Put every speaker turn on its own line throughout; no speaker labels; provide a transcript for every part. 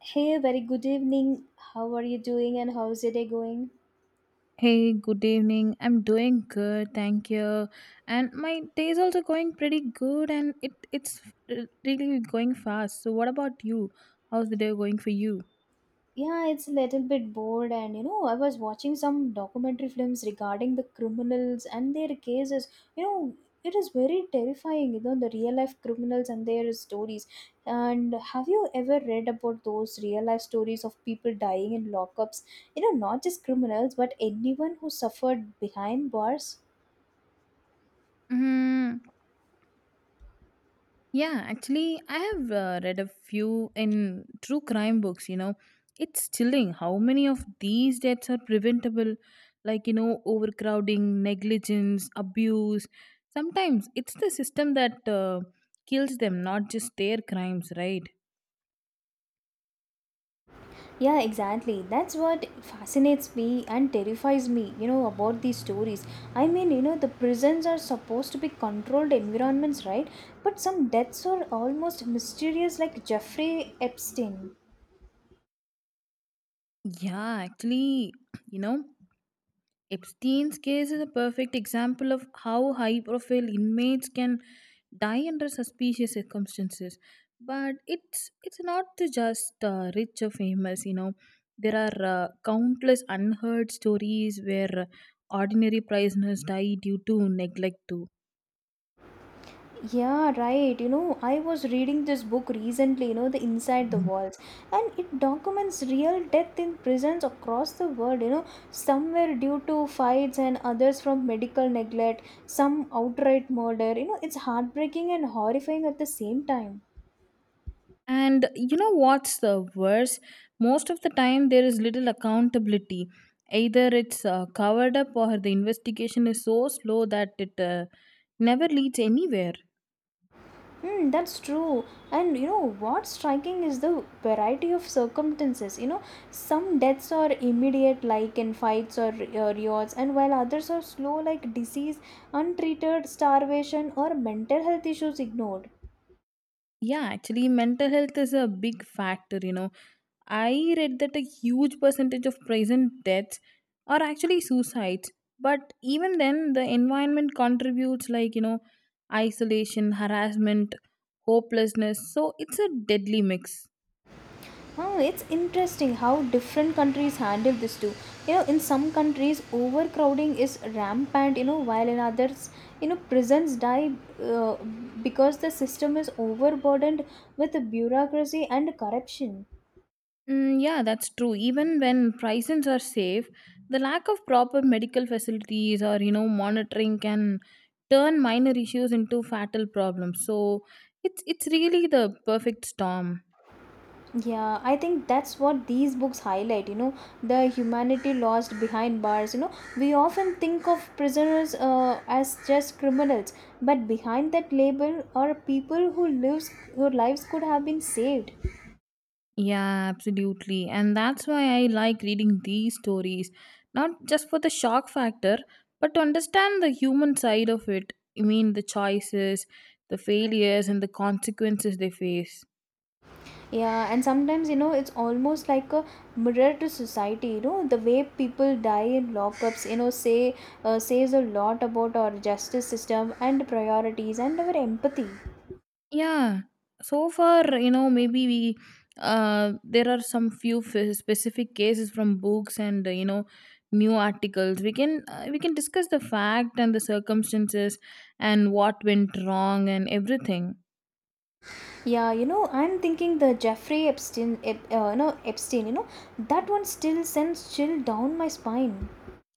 Hey, very good evening. How are you doing and how's your day going?
Hey, good evening. I'm doing good, thank you. And my day is also going pretty good, and it's really going fast. So, what about you? How's the day going for you?
Yeah, it's a little bit bored and you know, I was watching some documentary films regarding the criminals and their cases. You know, it is very terrifying, you know, the real life criminals and their stories. And have you ever read about those real life stories of people dying in lockups? You know, not just criminals, but anyone who suffered behind bars?
Mm, yeah, actually, I have read a few in true crime books. You know, it's chilling how many of these deaths are preventable, like, you know, overcrowding, negligence, abuse. Sometimes it's the system that kills them, not just their crimes, right?
Yeah, exactly. That's what fascinates me and terrifies me, you know, about these stories. I mean, you know, the prisons are supposed to be controlled environments, right? But some deaths are almost mysterious, like Jeffrey Epstein.
Yeah, actually, you know, Epstein's case is a perfect example of how high profile inmates can die under suspicious circumstances. But it's not to just rich or famous, you know. There are countless unheard stories where ordinary prisoners die due to neglect too.
Yeah, right. You know, I was reading this book recently, you know, The Inside the Walls, and it documents real death in prisons across the world, you know, some were due to fights and others from medical neglect, some outright murder. You know, it's heartbreaking and horrifying at the same time.
And you know what's the worst? Most of the time, there is little accountability. Either it's covered up or the investigation is so slow that it never leads anywhere.
Hmm, that's true. And you know what's striking is the variety of circumstances. You know, some deaths are immediate, like in fights or riots, and while others are slow, like disease, untreated, starvation, or mental health issues ignored.
Yeah, actually, mental health is a big factor. You know, I read that a huge percentage of prison deaths are actually suicides. But even then, the environment contributes, like, you know, isolation, harassment, hopelessness. So it's a deadly mix.
Oh, it's interesting how different countries handle this too. You know, in some countries, overcrowding is rampant. You know, while in others, you know, prisons die uh, because the system is overburdened with bureaucracy and corruption.
Mm, yeah, that's true. Even when prices are safe, the lack of proper medical facilities or you know monitoring can turn minor issues into fatal problems. So it's really the perfect storm.
Yeah, I think that's what these books highlight, you know, the humanity lost behind bars. You know, we often think of prisoners as just criminals, but behind that label are people who lives whose lives could have been saved.
Yeah, absolutely. And that's why I like reading these stories, not just for the shock factor, but to understand the human side of it. I mean, the choices, the failures, and the consequences they face.
Yeah, and sometimes you know it's almost like a mirror to society. You know the way people die in lockups. You know say says a lot about our justice system and priorities and our empathy.
Yeah. So far, you know, maybe we there are some few specific cases from books and you know new articles we can discuss the fact and the circumstances and what went wrong and everything.
Yeah, you know I'm thinking the Jeffrey Epstein, no Epstein. You know that one still sends chill down my spine.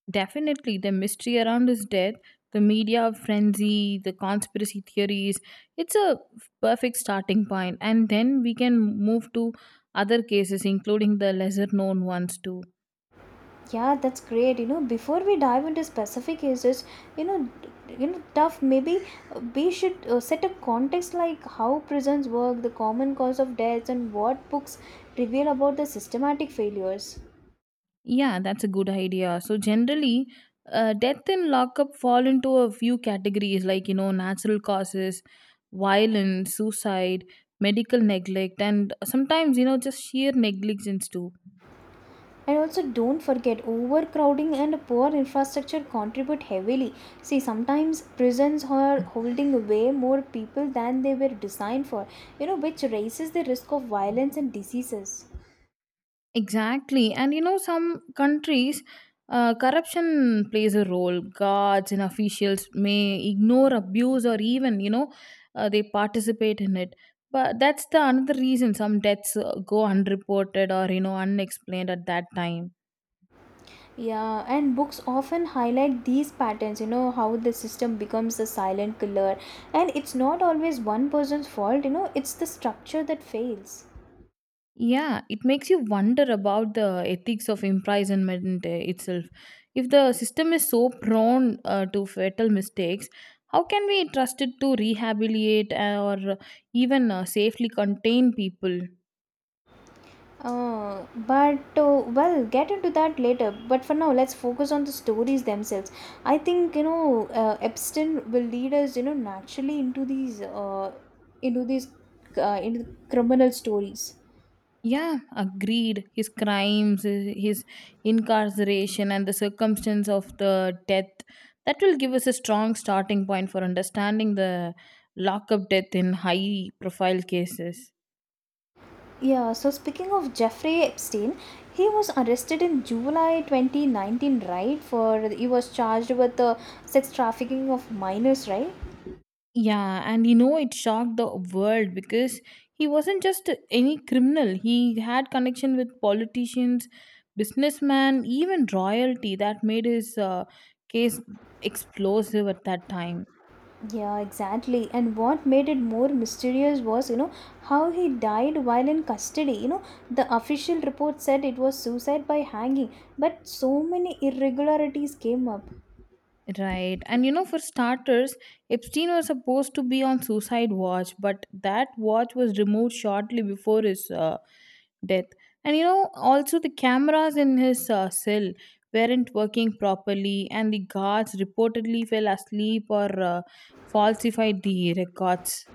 Definitely the mystery around his death, the media frenzy, the conspiracy theories, it's a perfect starting point, and then we can move to other cases including the lesser known ones too.
Yeah, that's great. You know, before we dive into specific cases, you know, you know, tough. Maybe we should set a context like how prisons work, the common cause of deaths, and what books reveal about the systematic failures.
Yeah, that's a good idea. So generally, death and lockup fall into a few categories like you know natural causes, violence, suicide, medical neglect, and sometimes you know just sheer negligence too.
And also, don't forget overcrowding and poor infrastructure contribute heavily. See, sometimes prisons are holding way more people than they were designed for. You know, which raises the risk of violence and diseases.
Exactly, and you know some countries. Corruption plays a role. Guards and officials may ignore abuse or even, you know, they participate in it. But that's the another reason some deaths go unreported or, you know, unexplained at that time.
Yeah, and books often highlight these patterns, you know, how the system becomes a silent killer. And it's not always one person's fault, you know, it's the structure that fails.
Yeah, it makes you wonder about the ethics of imprisonment itself. If the system is so prone to fatal mistakes, how can we trust it to rehabilitate or even safely contain people?
But well, get into that later. But for now, let's focus on the stories themselves. I think you know, Epstein will lead us, you know, naturally into these, into these, into criminal stories.
Yeah, agreed. His crimes, his incarceration, and the circumstance of the death, that will give us a strong starting point for understanding the lockup death in high profile cases.
Yeah, so speaking of Jeffrey Epstein, he was arrested in July 2019, right? For he was charged with the sex trafficking of minors, right?
Yeah, and you know, it shocked the world because he wasn't just any criminal. He had connection with politicians, businessmen, even royalty that made his case explosive at that time.
Yeah, exactly. And what made it more mysterious was, you know, how he died while in custody. You know, the official report said it was suicide by hanging, but so many irregularities came up.
Right. And you know, for starters, Epstein was supposed to be on suicide watch, but that watch was removed shortly before his death. And you know, also the cameras in his cell weren't working properly, and the guards reportedly fell asleep or falsified the records.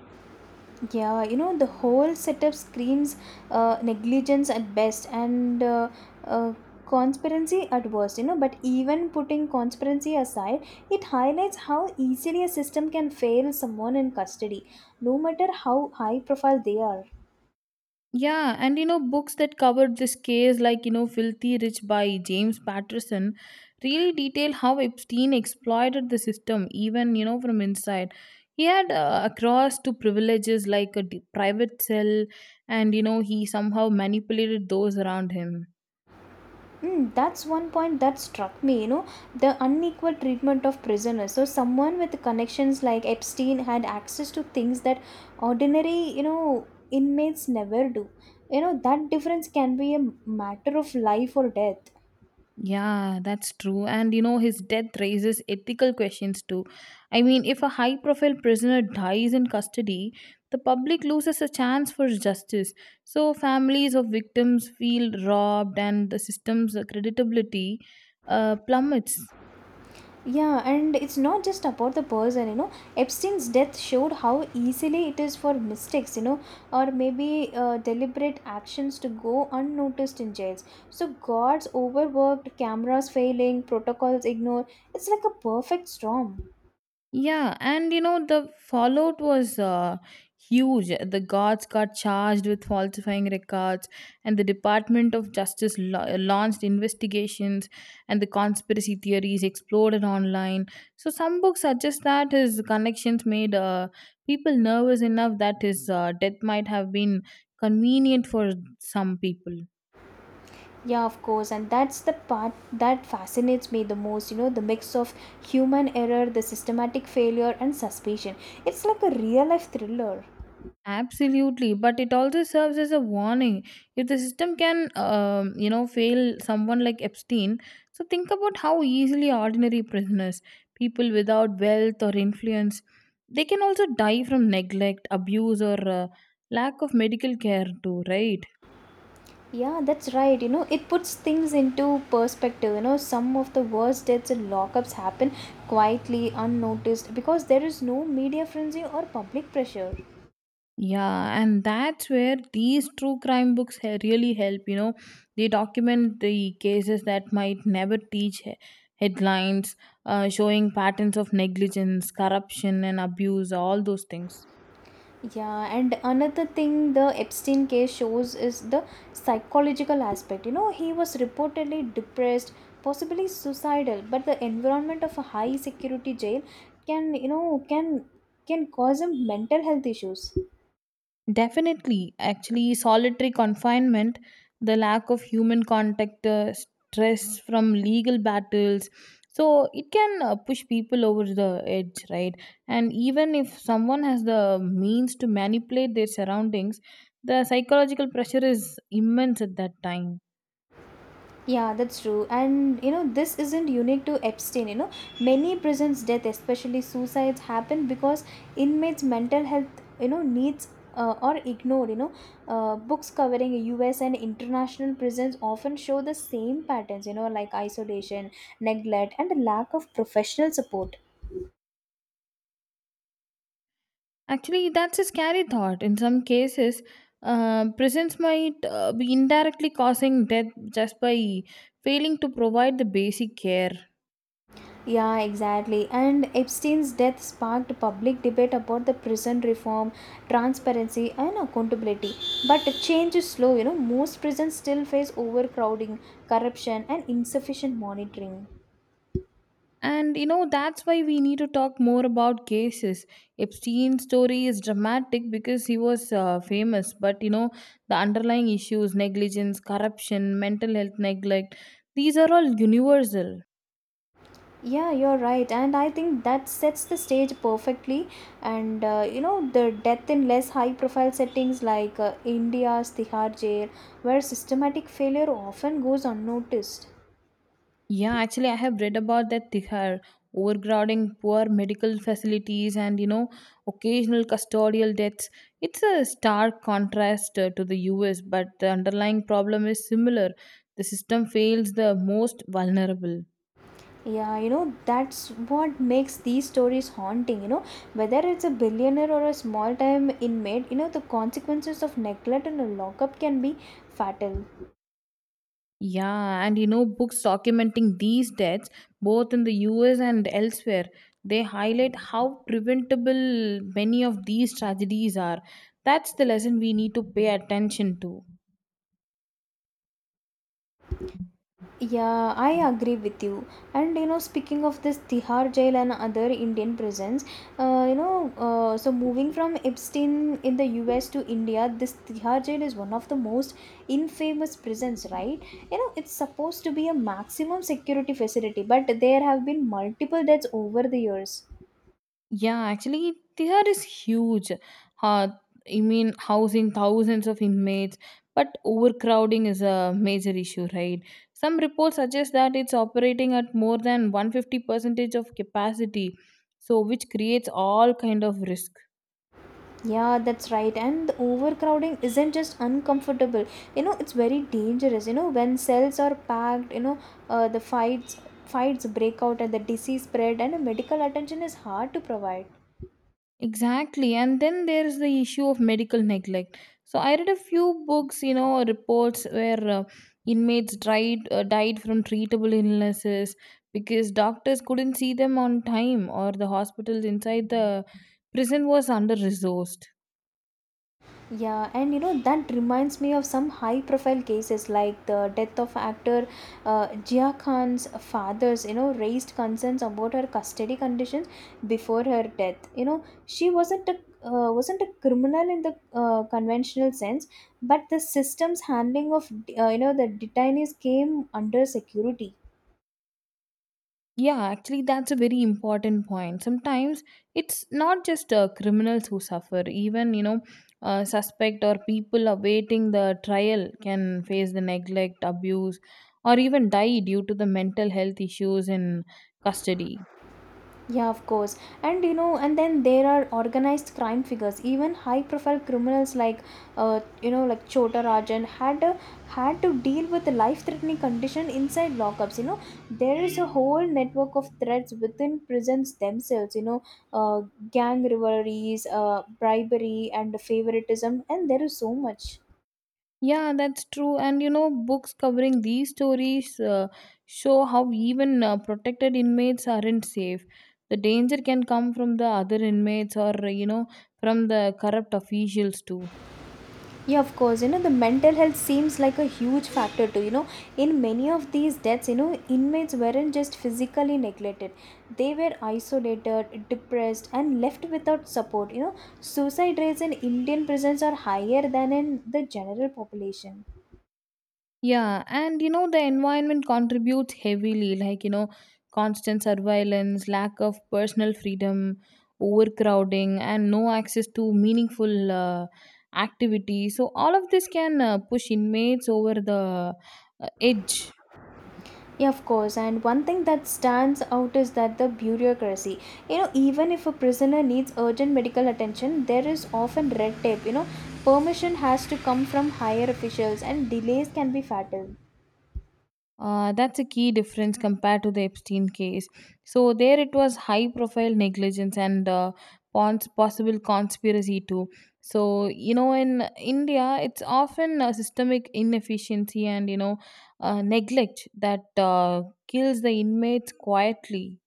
Yeah, you know, the whole setup screams negligence at best and uh, conspiracy at worst, you know. But even putting conspiracy aside, it highlights how easily a system can fail someone in custody, no matter how high profile they are.
Yeah, and you know, books that covered this case, like, you know, Filthy Rich by James Patterson, really detail how Epstein exploited the system, even, you know, from inside. He had across to privileges like a private cell, and, you know, he somehow manipulated those around him.
Mm, that's one point that struck me, you know, the unequal treatment of prisoners. So, someone with connections like Epstein had access to things that ordinary, you know, inmates never do. You know, that difference can be a matter of life or death.
Yeah, that's true. And you know, his death raises ethical questions too. I mean, if a high profile prisoner dies in custody, the public loses a chance for justice. So, families of victims feel robbed and the system's credibility plummets.
Yeah, and it's not just about the person, you know. Epstein's death showed how easily it is for mistakes, you know, or maybe deliberate actions to go unnoticed in jails. So, guards overworked, cameras failing, protocols ignored. It's like a perfect storm.
Yeah, and you know, the fallout was huge. The guards got charged with falsifying records, and the Department of Justice launched investigations, and the conspiracy theories exploded online. So, some books suggest that his connections made people nervous enough that his death might have been convenient for some people.
Yeah, of course, and that's the part that fascinates me the most, you know, the mix of human error, the systematic failure, and suspicion. It's like a real life thriller.
Absolutely, but it also serves as a warning. If the system can, you know, fail someone like Epstein, so think about how easily ordinary prisoners, people without wealth or influence, they can also die from neglect, abuse, or lack of medical care too, right?
Yeah, that's right. You know, it puts things into perspective. You know, some of the worst deaths and lockups happen quietly, unnoticed, because there is no media frenzy or public pressure.
Yeah, and that's where these true crime books really help. You know, they document the cases that might never teach headlines, showing patterns of negligence, corruption, and abuse, all those things.
Yeah, and another thing the Epstein case shows is the psychological aspect. You know, he was reportedly depressed, possibly suicidal, but the environment of a high security jail can, you know, can cause him mental health issues.
Definitely. Actually, solitary confinement, the lack of human contact, stress from legal battles. So it can push people over the edge, right? And even if someone has the means to manipulate their surroundings, the psychological pressure is immense at that time.
Yeah, that's true. And you know, this isn't unique to Epstein. You know, many prisons' death, especially suicides, happen because inmates' mental health, you know, needs are ignored. You know, books covering U.S. and international prisons often show the same patterns. You know, like isolation, neglect, and a lack of professional support.
Actually, that's a scary thought. In some cases, prisons might be indirectly causing death just by failing to provide the basic care.
Yeah, exactly. And Epstein's death sparked public debate about the prison reform, transparency, and accountability. But the change is slow, you know. Most prisons still face overcrowding, corruption, and insufficient monitoring.
And you know, that's why we need to talk more about cases. Epstein's story is dramatic because he was famous, but you know, the underlying issues negligence, corruption, mental health neglect, these are all universal.
Yeah, you're right. And I think that sets the stage perfectly. And you know, the death in less high profile settings like India's Tihar jail, where systematic failure often goes unnoticed.
Yeah, actually, I have read about that Tihar, overcrowding, poor medical facilities, and you know, occasional custodial deaths. It's a stark contrast to the US, but the underlying problem is similar. The system fails the most vulnerable.
Yeah, you know, that's what makes these stories haunting. You know, whether it's a billionaire or a small time inmate, you know, the consequences of neglect and a lockup can be fatal.
Yeah, and you know, books documenting these deaths, both in the US and elsewhere, they highlight how preventable many of these tragedies are. That's the lesson we need to pay attention to.
Yeah, I agree with you. And you know, speaking of this Tihar jail and other Indian prisons, so moving from Epstein in the US to India, this Tihar jail is one of the most infamous prisons, right? You know, it's supposed to be a maximum security facility, but there have been multiple deaths over the years.
Yeah, actually, there is huge. Uh, I mean, housing thousands of inmates, but overcrowding is a major issue, right? Some reports suggest that it's operating at more than 150 percentage of capacity, so which creates all kind of risk.
Yeah, that's right. And the overcrowding isn't just uncomfortable. You know, it's very dangerous. You know, when cells are packed, you know, the fights break out and the disease spread and medical attention is hard to provide.
Exactly. And then there's the issue of medical neglect. So I read a few books, you know, reports where uh, inmates died from treatable illnesses because doctors couldn't see them on time or the hospitals inside the prison was under resourced.
Yeah, and you know that reminds me of some high-profile cases like the death of actor Jia Khan's father's. You know, raised concerns about her custody conditions before her death. You know, she wasn't a criminal in the conventional sense, but the system's handling of you know the detainees came under security.
Yeah, actually, that's a very important point. Sometimes it's not just criminals who suffer, even, you know, suspect or people awaiting the trial can face the neglect, abuse, or even die due to the mental health issues in custody.
Yeah, of course. And you know, and then there are organized crime figures. Even high-profile criminals like, you know, like Chota Rajan had to deal with the life-threatening condition inside lockups. You know, there is a whole network of threats within prisons themselves. You know, uh, gang rivalries, bribery, and favoritism, and there is so much.
Yeah, that's true. And, you know, books covering these stories show how even protected inmates aren't safe. The danger can come from the other inmates or, you know, from the corrupt officials too.
Yeah, of course. You know, the mental health seems like a huge factor too. You know, in many of these deaths, you know, inmates weren't just physically neglected, they were isolated, depressed, and left without support. You know, suicide rates in Indian prisons are higher than in the general population.
Yeah, and you know, the environment contributes heavily, like, you know, constant surveillance, lack of personal freedom, overcrowding, and no access to meaningful activity. So, all of this can push inmates over the edge.
Yeah, of course. And one thing that stands out is that the bureaucracy. You know, even if a prisoner needs urgent medical attention, there is often red tape. You know, permission has to come from higher officials, and delays can be fatal.
That's a key difference compared to the Epstein case. So there it was high profile negligence and possible conspiracy too. So you know in India it's often a systemic inefficiency and you know neglect that kills the inmates quietly.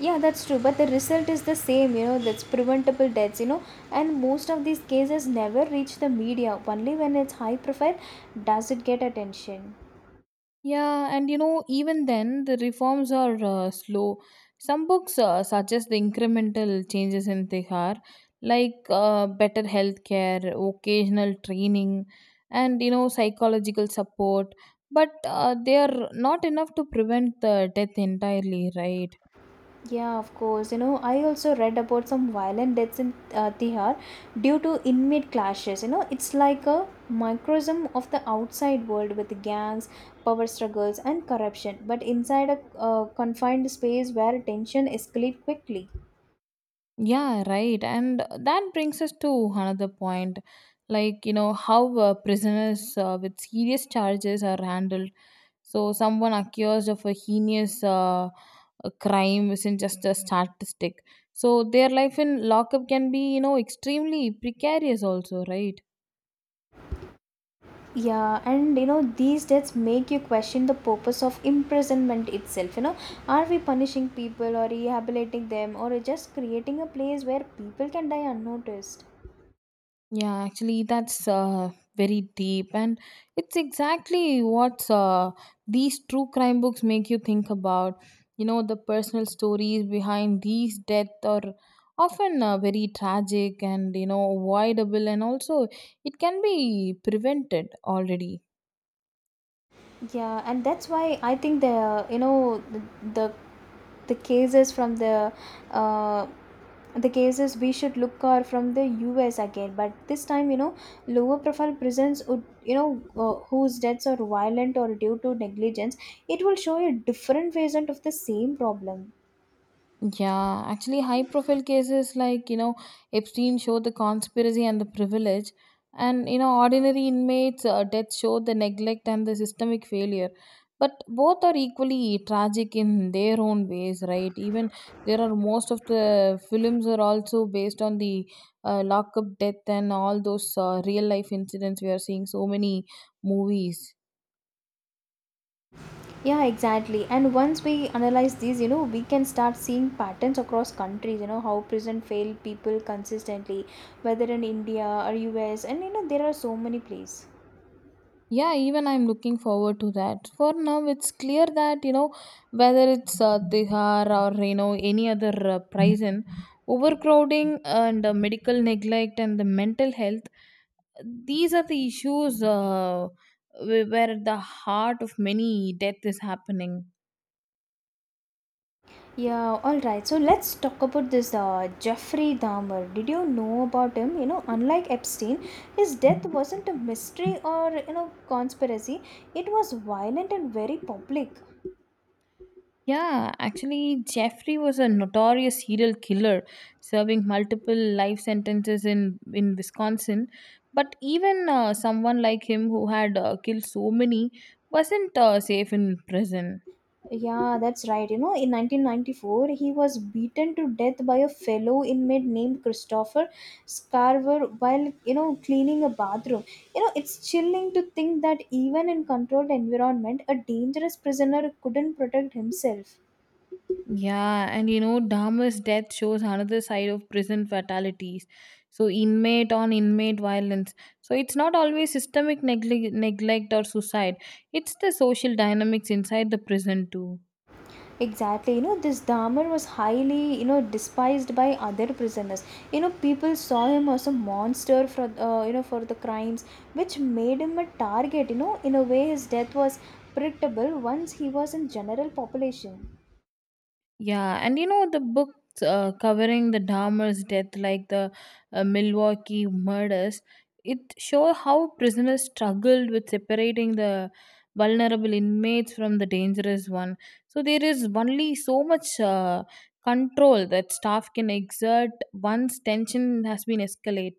Yeah, that's true. But the result is the same. You know, that's preventable deaths. You know, and most of these cases never reach the media. Only when it's high profile does it get attention.
Yeah, and you know, even then, the reforms are slow. Some books suggest the incremental changes in Tihar, like better healthcare, vocational training, and you know, psychological support, but they are not enough to prevent the death entirely, right?
Yeah, of course. You know, I also read about some violent deaths in Tihar due to inmate clashes. You know, it's like a microcosm of the outside world with gangs, power struggles, and corruption, but inside a confined space where tension escalates quickly.
Yeah, right. And that brings us to another point like, you know, how prisoners with serious charges are handled. So, someone accused of a heinous a crime isn't just a statistic. So, their life in lockup can be, you know, extremely precarious, also, right?
Yeah, and you know, these deaths make you question the purpose of imprisonment itself. You know, are we punishing people or rehabilitating them or just creating a place where people can die unnoticed?
Yeah, actually, that's very deep, and it's exactly what these true crime books make you think about. You know, the personal stories behind these deaths are often very tragic and you know avoidable, and also it can be prevented already.
Yeah, and that's why I think the, the cases from the uh, the cases we should look are from the U.S. again, but this time you know lower profile prisons would you know whose deaths are violent or due to negligence. It will show a different version of the same problem.
Yeah, actually, high profile cases like, you know, Epstein show the conspiracy and the privilege, and, you know, ordinary inmates' death show the neglect and the systemic failure. But both are equally tragic in their own ways, right? Even there are most of the films are also based on the lockup death and all those real life incidents. We are seeing so many movies.
Yeah, exactly. And once we analyze these, you know, we can start seeing patterns across countries, you know, how prison fail people consistently, whether in India or US, and you know, there are so many places.
Yeah, even I'm looking forward to that. For now, it's clear that you know whether it's Tihar or you know any other prison, overcrowding and medical neglect and the mental health. These are the issues where at the heart of many death is happening.
Yeah, all right. So let's talk about this Jeffrey Dahmer. Did you know about him? You know, unlike Epstein, his death wasn't a mystery or, you know, conspiracy. It was violent and very public.
Yeah, actually, Jeffrey was a notorious serial killer, serving multiple life sentences in Wisconsin. But even someone like him, who had killed so many, wasn't safe in prison.
Yeah, that's right. You know, in 1994, he was beaten to death by a fellow inmate named Christopher Scarver while, you know, cleaning a bathroom. You know, it's chilling to think that even in controlled environment, a dangerous prisoner couldn't protect himself.
Yeah, and you know, Dahmer's death shows another side of prison fatalities. So, inmate on inmate violence. So, it's not always neglect or suicide, it's the social dynamics inside the prison, too.
Exactly, you know, this Dahmer was highly, you know, despised by other prisoners. You know, people saw him as a monster for, you know, for the crimes, which made him a target. You know, in a way, his death was predictable once he was in general population.
Yeah, and you know the books covering the Dahmer's death, like the Milwaukee murders, it show how prisoners struggled with separating the vulnerable inmates from the dangerous one. So there is only so much control that staff can exert once tension has been escalated.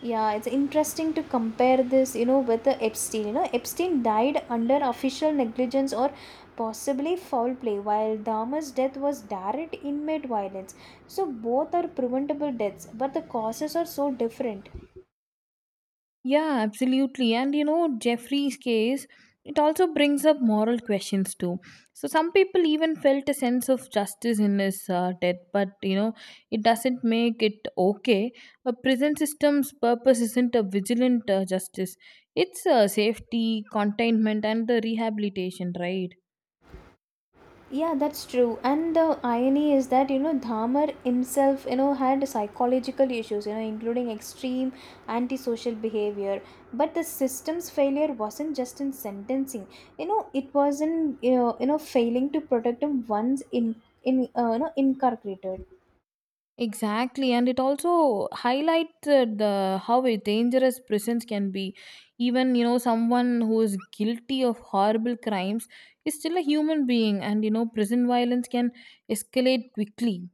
Yeah, it's interesting to compare this, you know, with the Epstein. You know, Epstein died under official negligence or possibly foul play, while Dahmer's death was direct inmate violence. So both are preventable deaths, but the causes are so different.
Yeah, absolutely. And you know, Jeffrey's case, it also brings up moral questions too. So, some people even felt a sense of justice in his death, but you know, it doesn't make it okay. A prison system's purpose isn't a vigilant justice, it's safety, containment, and the rehabilitation, right?
Yeah, that's true. And the irony is that, you know, Dharma himself, you know, had psychological issues, you know, including extreme antisocial behavior. But the system's failure wasn't just in sentencing. You know, it wasn't, you know failing to protect him once in, you know, incarcerated.
Exactly, and it also highlighted the how a dangerous prisons can be. Even you know, someone who is guilty of horrible crimes is still a human being, and you know, prison violence can escalate quickly.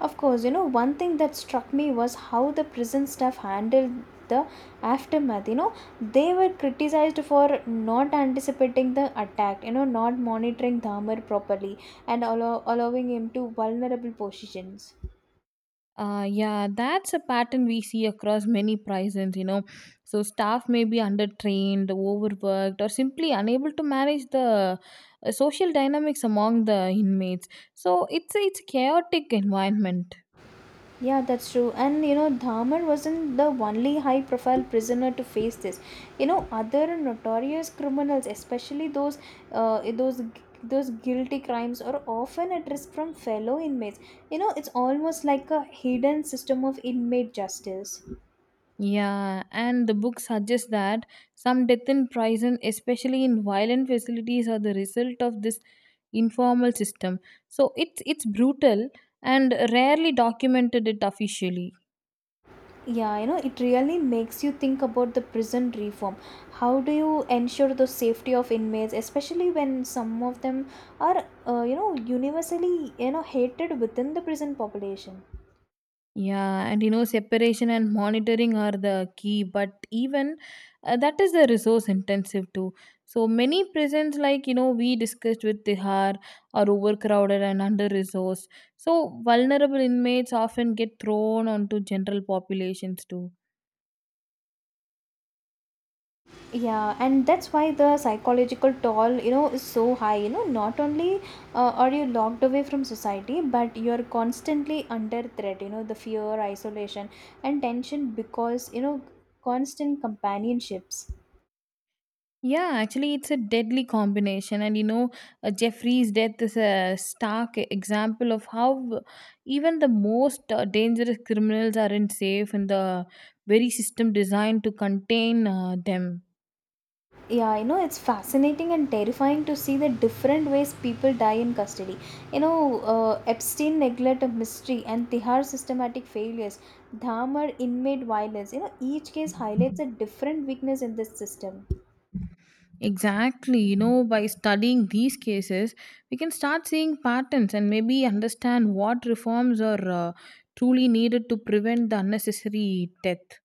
Of course, you know, one thing that struck me was how the prison staff handled the aftermath. You know, they were criticized for not anticipating the attack, you know, not monitoring Dhamar properly and allowing him to vulnerable positions.
Yeah, that's a pattern we see across many prisons. You know, so staff may be undertrained, overworked, or simply unable to manage the social dynamics among the inmates. So it's a chaotic environment.
Yeah, that's true. And you know, Dahmer wasn't the only high profile prisoner to face this. You know, other notorious criminals, especially uh, those those guilty crimes are often at risk from fellow inmates. You know, it's almost like a hidden system of inmate justice.
Yeah, and the book suggests that some death in prison, especially in violent facilities, are the result of this informal system. So it's brutal and rarely documented it officially.
Yeah, you know, it really makes you think about the prison reform. How do you ensure the safety of inmates, especially when some of them are, you know, universally, you know, hated within the prison population?
Yeah, and you know, separation and monitoring are the key, but even that is the resource intensive too. So many prisons, like you know, we discussed with Tihar, are overcrowded and under resourced. So vulnerable inmates often get thrown onto general populations too.
Yeah, and that's why the psychological toll, you know, is so high. You know, not only are you locked away from society, but you're constantly under threat, you know, the fear, isolation, and tension because, you know, constant companionships.
Yeah, actually, it's a deadly combination. And you know, Jeffrey's death is a stark example of how even the most dangerous criminals aren't safe in the very system designed to contain them.
Yeah, you know, it's fascinating and terrifying to see the different ways people die in custody. You know, Epstein neglect of mystery and Tihar systematic failures, Dahmer inmate violence. You know, each case highlights a different weakness in this system.
Exactly. You know, by studying these cases, we can start seeing patterns and maybe understand what reforms are truly needed to prevent the unnecessary death.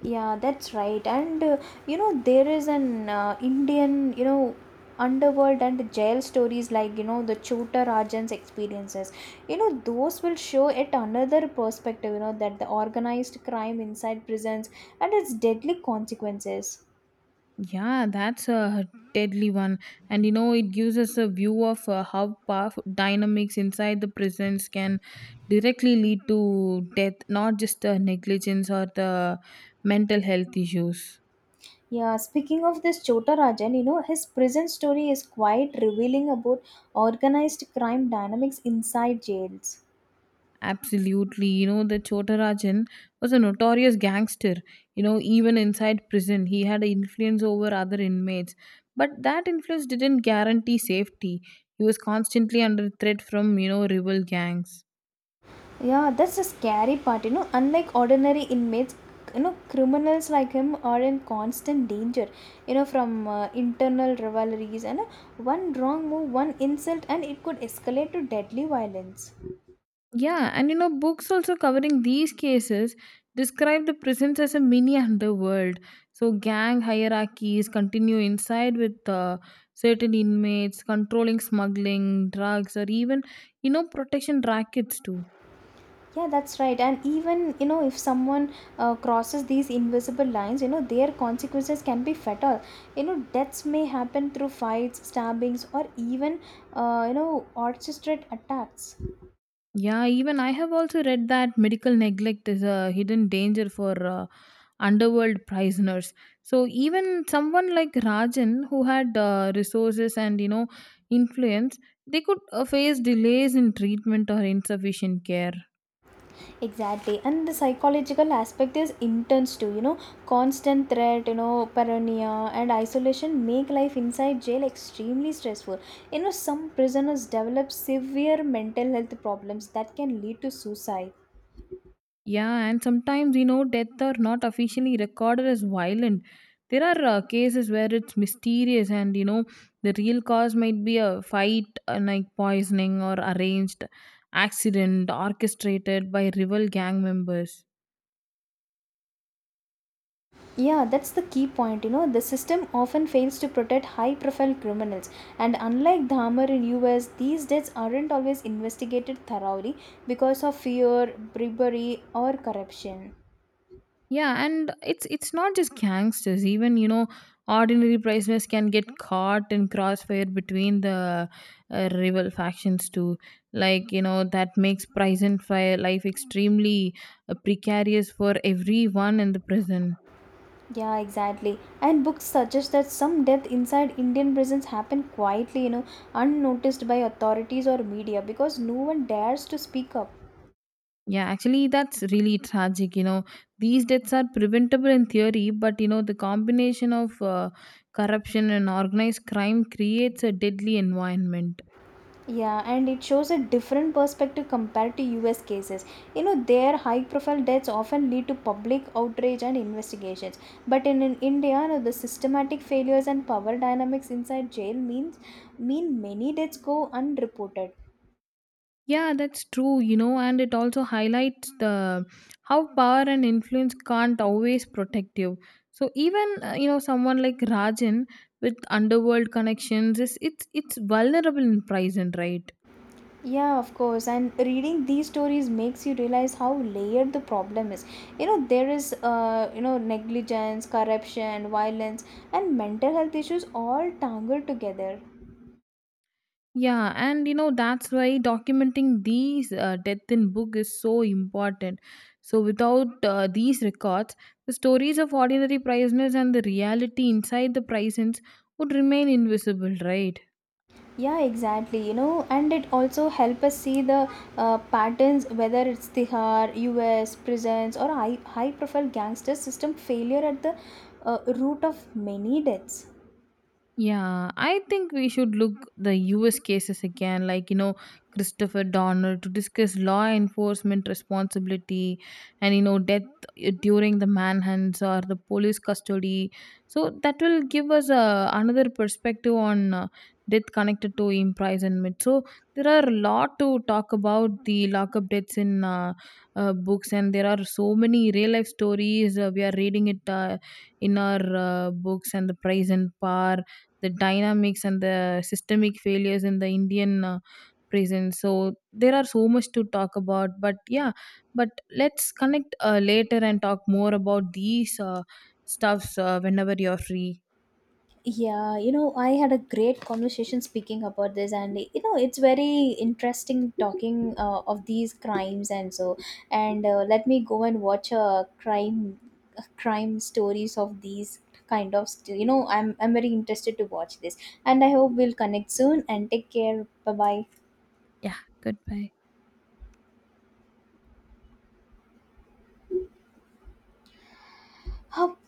Yeah, that's right. And you know, there is an Indian, you know, underworld and jail stories like, you know, the Chota Rajan's experiences. You know, those will show it another perspective, you know, that the organized crime inside prisons and its deadly consequences.
Yeah, that's a deadly one. And you know, it gives us a view of how power dynamics inside the prisons can directly lead to death, not just the negligence or the mental health issues.
Yeah, speaking of this Chota Rajan, you know, his prison story is quite revealing about organized crime dynamics inside jails.
Absolutely. You know, the Chotarajan was a notorious gangster. You know, even inside prison, he had influence over other inmates. But that influence didn't guarantee safety. He was constantly under threat from, you know, rival gangs.
Yeah, that's the scary part, you know. Unlike ordinary inmates, you know, criminals like him are in constant danger, you know, from internal rivalries and one wrong move, one insult, and it could escalate to deadly violence.
Yeah, and you know, books also covering these cases describe the prisons as a mini underworld. So, gang hierarchies continue inside with certain inmates controlling smuggling, drugs, or even, you know, protection rackets too.
Yeah, that's right. And even, you know, if someone crosses these invisible lines, you know, their consequences can be fatal. You know, deaths may happen through fights, stabbings, or even, you know, orchestrated attacks.
Yeah, even I have also read that medical neglect is a hidden danger for underworld prisoners. So even someone like Rajan, who had resources and you know influence, they could face delays in treatment or insufficient care.
Exactly, and the psychological aspect is intense too. You know, constant threat, you know, paranoia and isolation make life inside jail extremely stressful. You know, some prisoners develop severe mental health problems that can lead to suicide.
Yeah, and sometimes, you know, deaths are not officially recorded as violent. There are cases where it's mysterious, and you know, the real cause might be a fight, like poisoning, or arranged accident orchestrated by rival gang members.
Yeah, that's the key point. You know, the system often fails to protect high profile criminals, and unlike Dahmer in US, these deaths aren't always investigated thoroughly because of fear, bribery, or corruption.
Yeah, and it's not just gangsters. Even you know, ordinary prisoners can get caught in crossfire between the rival factions too. Like you know, that makes prison fire life extremely precarious for everyone in the prison.
Yeah, exactly. And books suggest that some death inside Indian prisons happen quietly, you know, unnoticed by authorities or media because no one dares to speak up.
Yeah, actually, that's really tragic. You know, these deaths are preventable in theory, but you know, the combination of corruption and organized crime creates a deadly environment.
Yeah, and it shows a different perspective compared to US cases. You know, their high profile deaths often lead to public outrage and investigations. But in India, you know, the systematic failures and power dynamics inside jail mean many deaths go unreported.
Yeah, that's true, you know, and it also highlights the how power and influence can't always protect you. So even you know someone like Rajan with underworld connections is it's vulnerable in prison, right?
Yeah, of course. And reading these stories makes you realize how layered the problem is. You know, there is, you know, negligence, corruption, violence, and mental health issues all tangled together.
Yeah, and you know that's why documenting these death in book is so important. So without these records, the stories of ordinary prisoners and the reality inside the prisons would remain invisible, right?
Yeah, exactly. You know, and it also help us see the patterns, whether it's Tihar, U.S. prisons, or high profile gangster system failure at the root of many deaths.
Yeah, I think we should look the US cases again, like you know, Christopher Donner to discuss law enforcement responsibility and you know, death during the manhunts or the police custody. So that will give us another perspective on death connected to imprisonment. So there are a lot to talk about the lockup deaths in books, and there are so many real life stories. We are reading it in our books and the price and power the dynamics and the systemic failures in the Indian prison. So there are so much to talk about. But yeah, but let's connect later and talk more about these stuffs whenever you're free.
Yeah, you know, I had a great conversation speaking about this, and you know, it's very interesting talking of these crimes and so. And let me go and watch a crime stories of these kind of. You know, I'm very interested to watch this, and I hope we'll connect soon. And take care. Bye
Yeah, goodbye.
bye.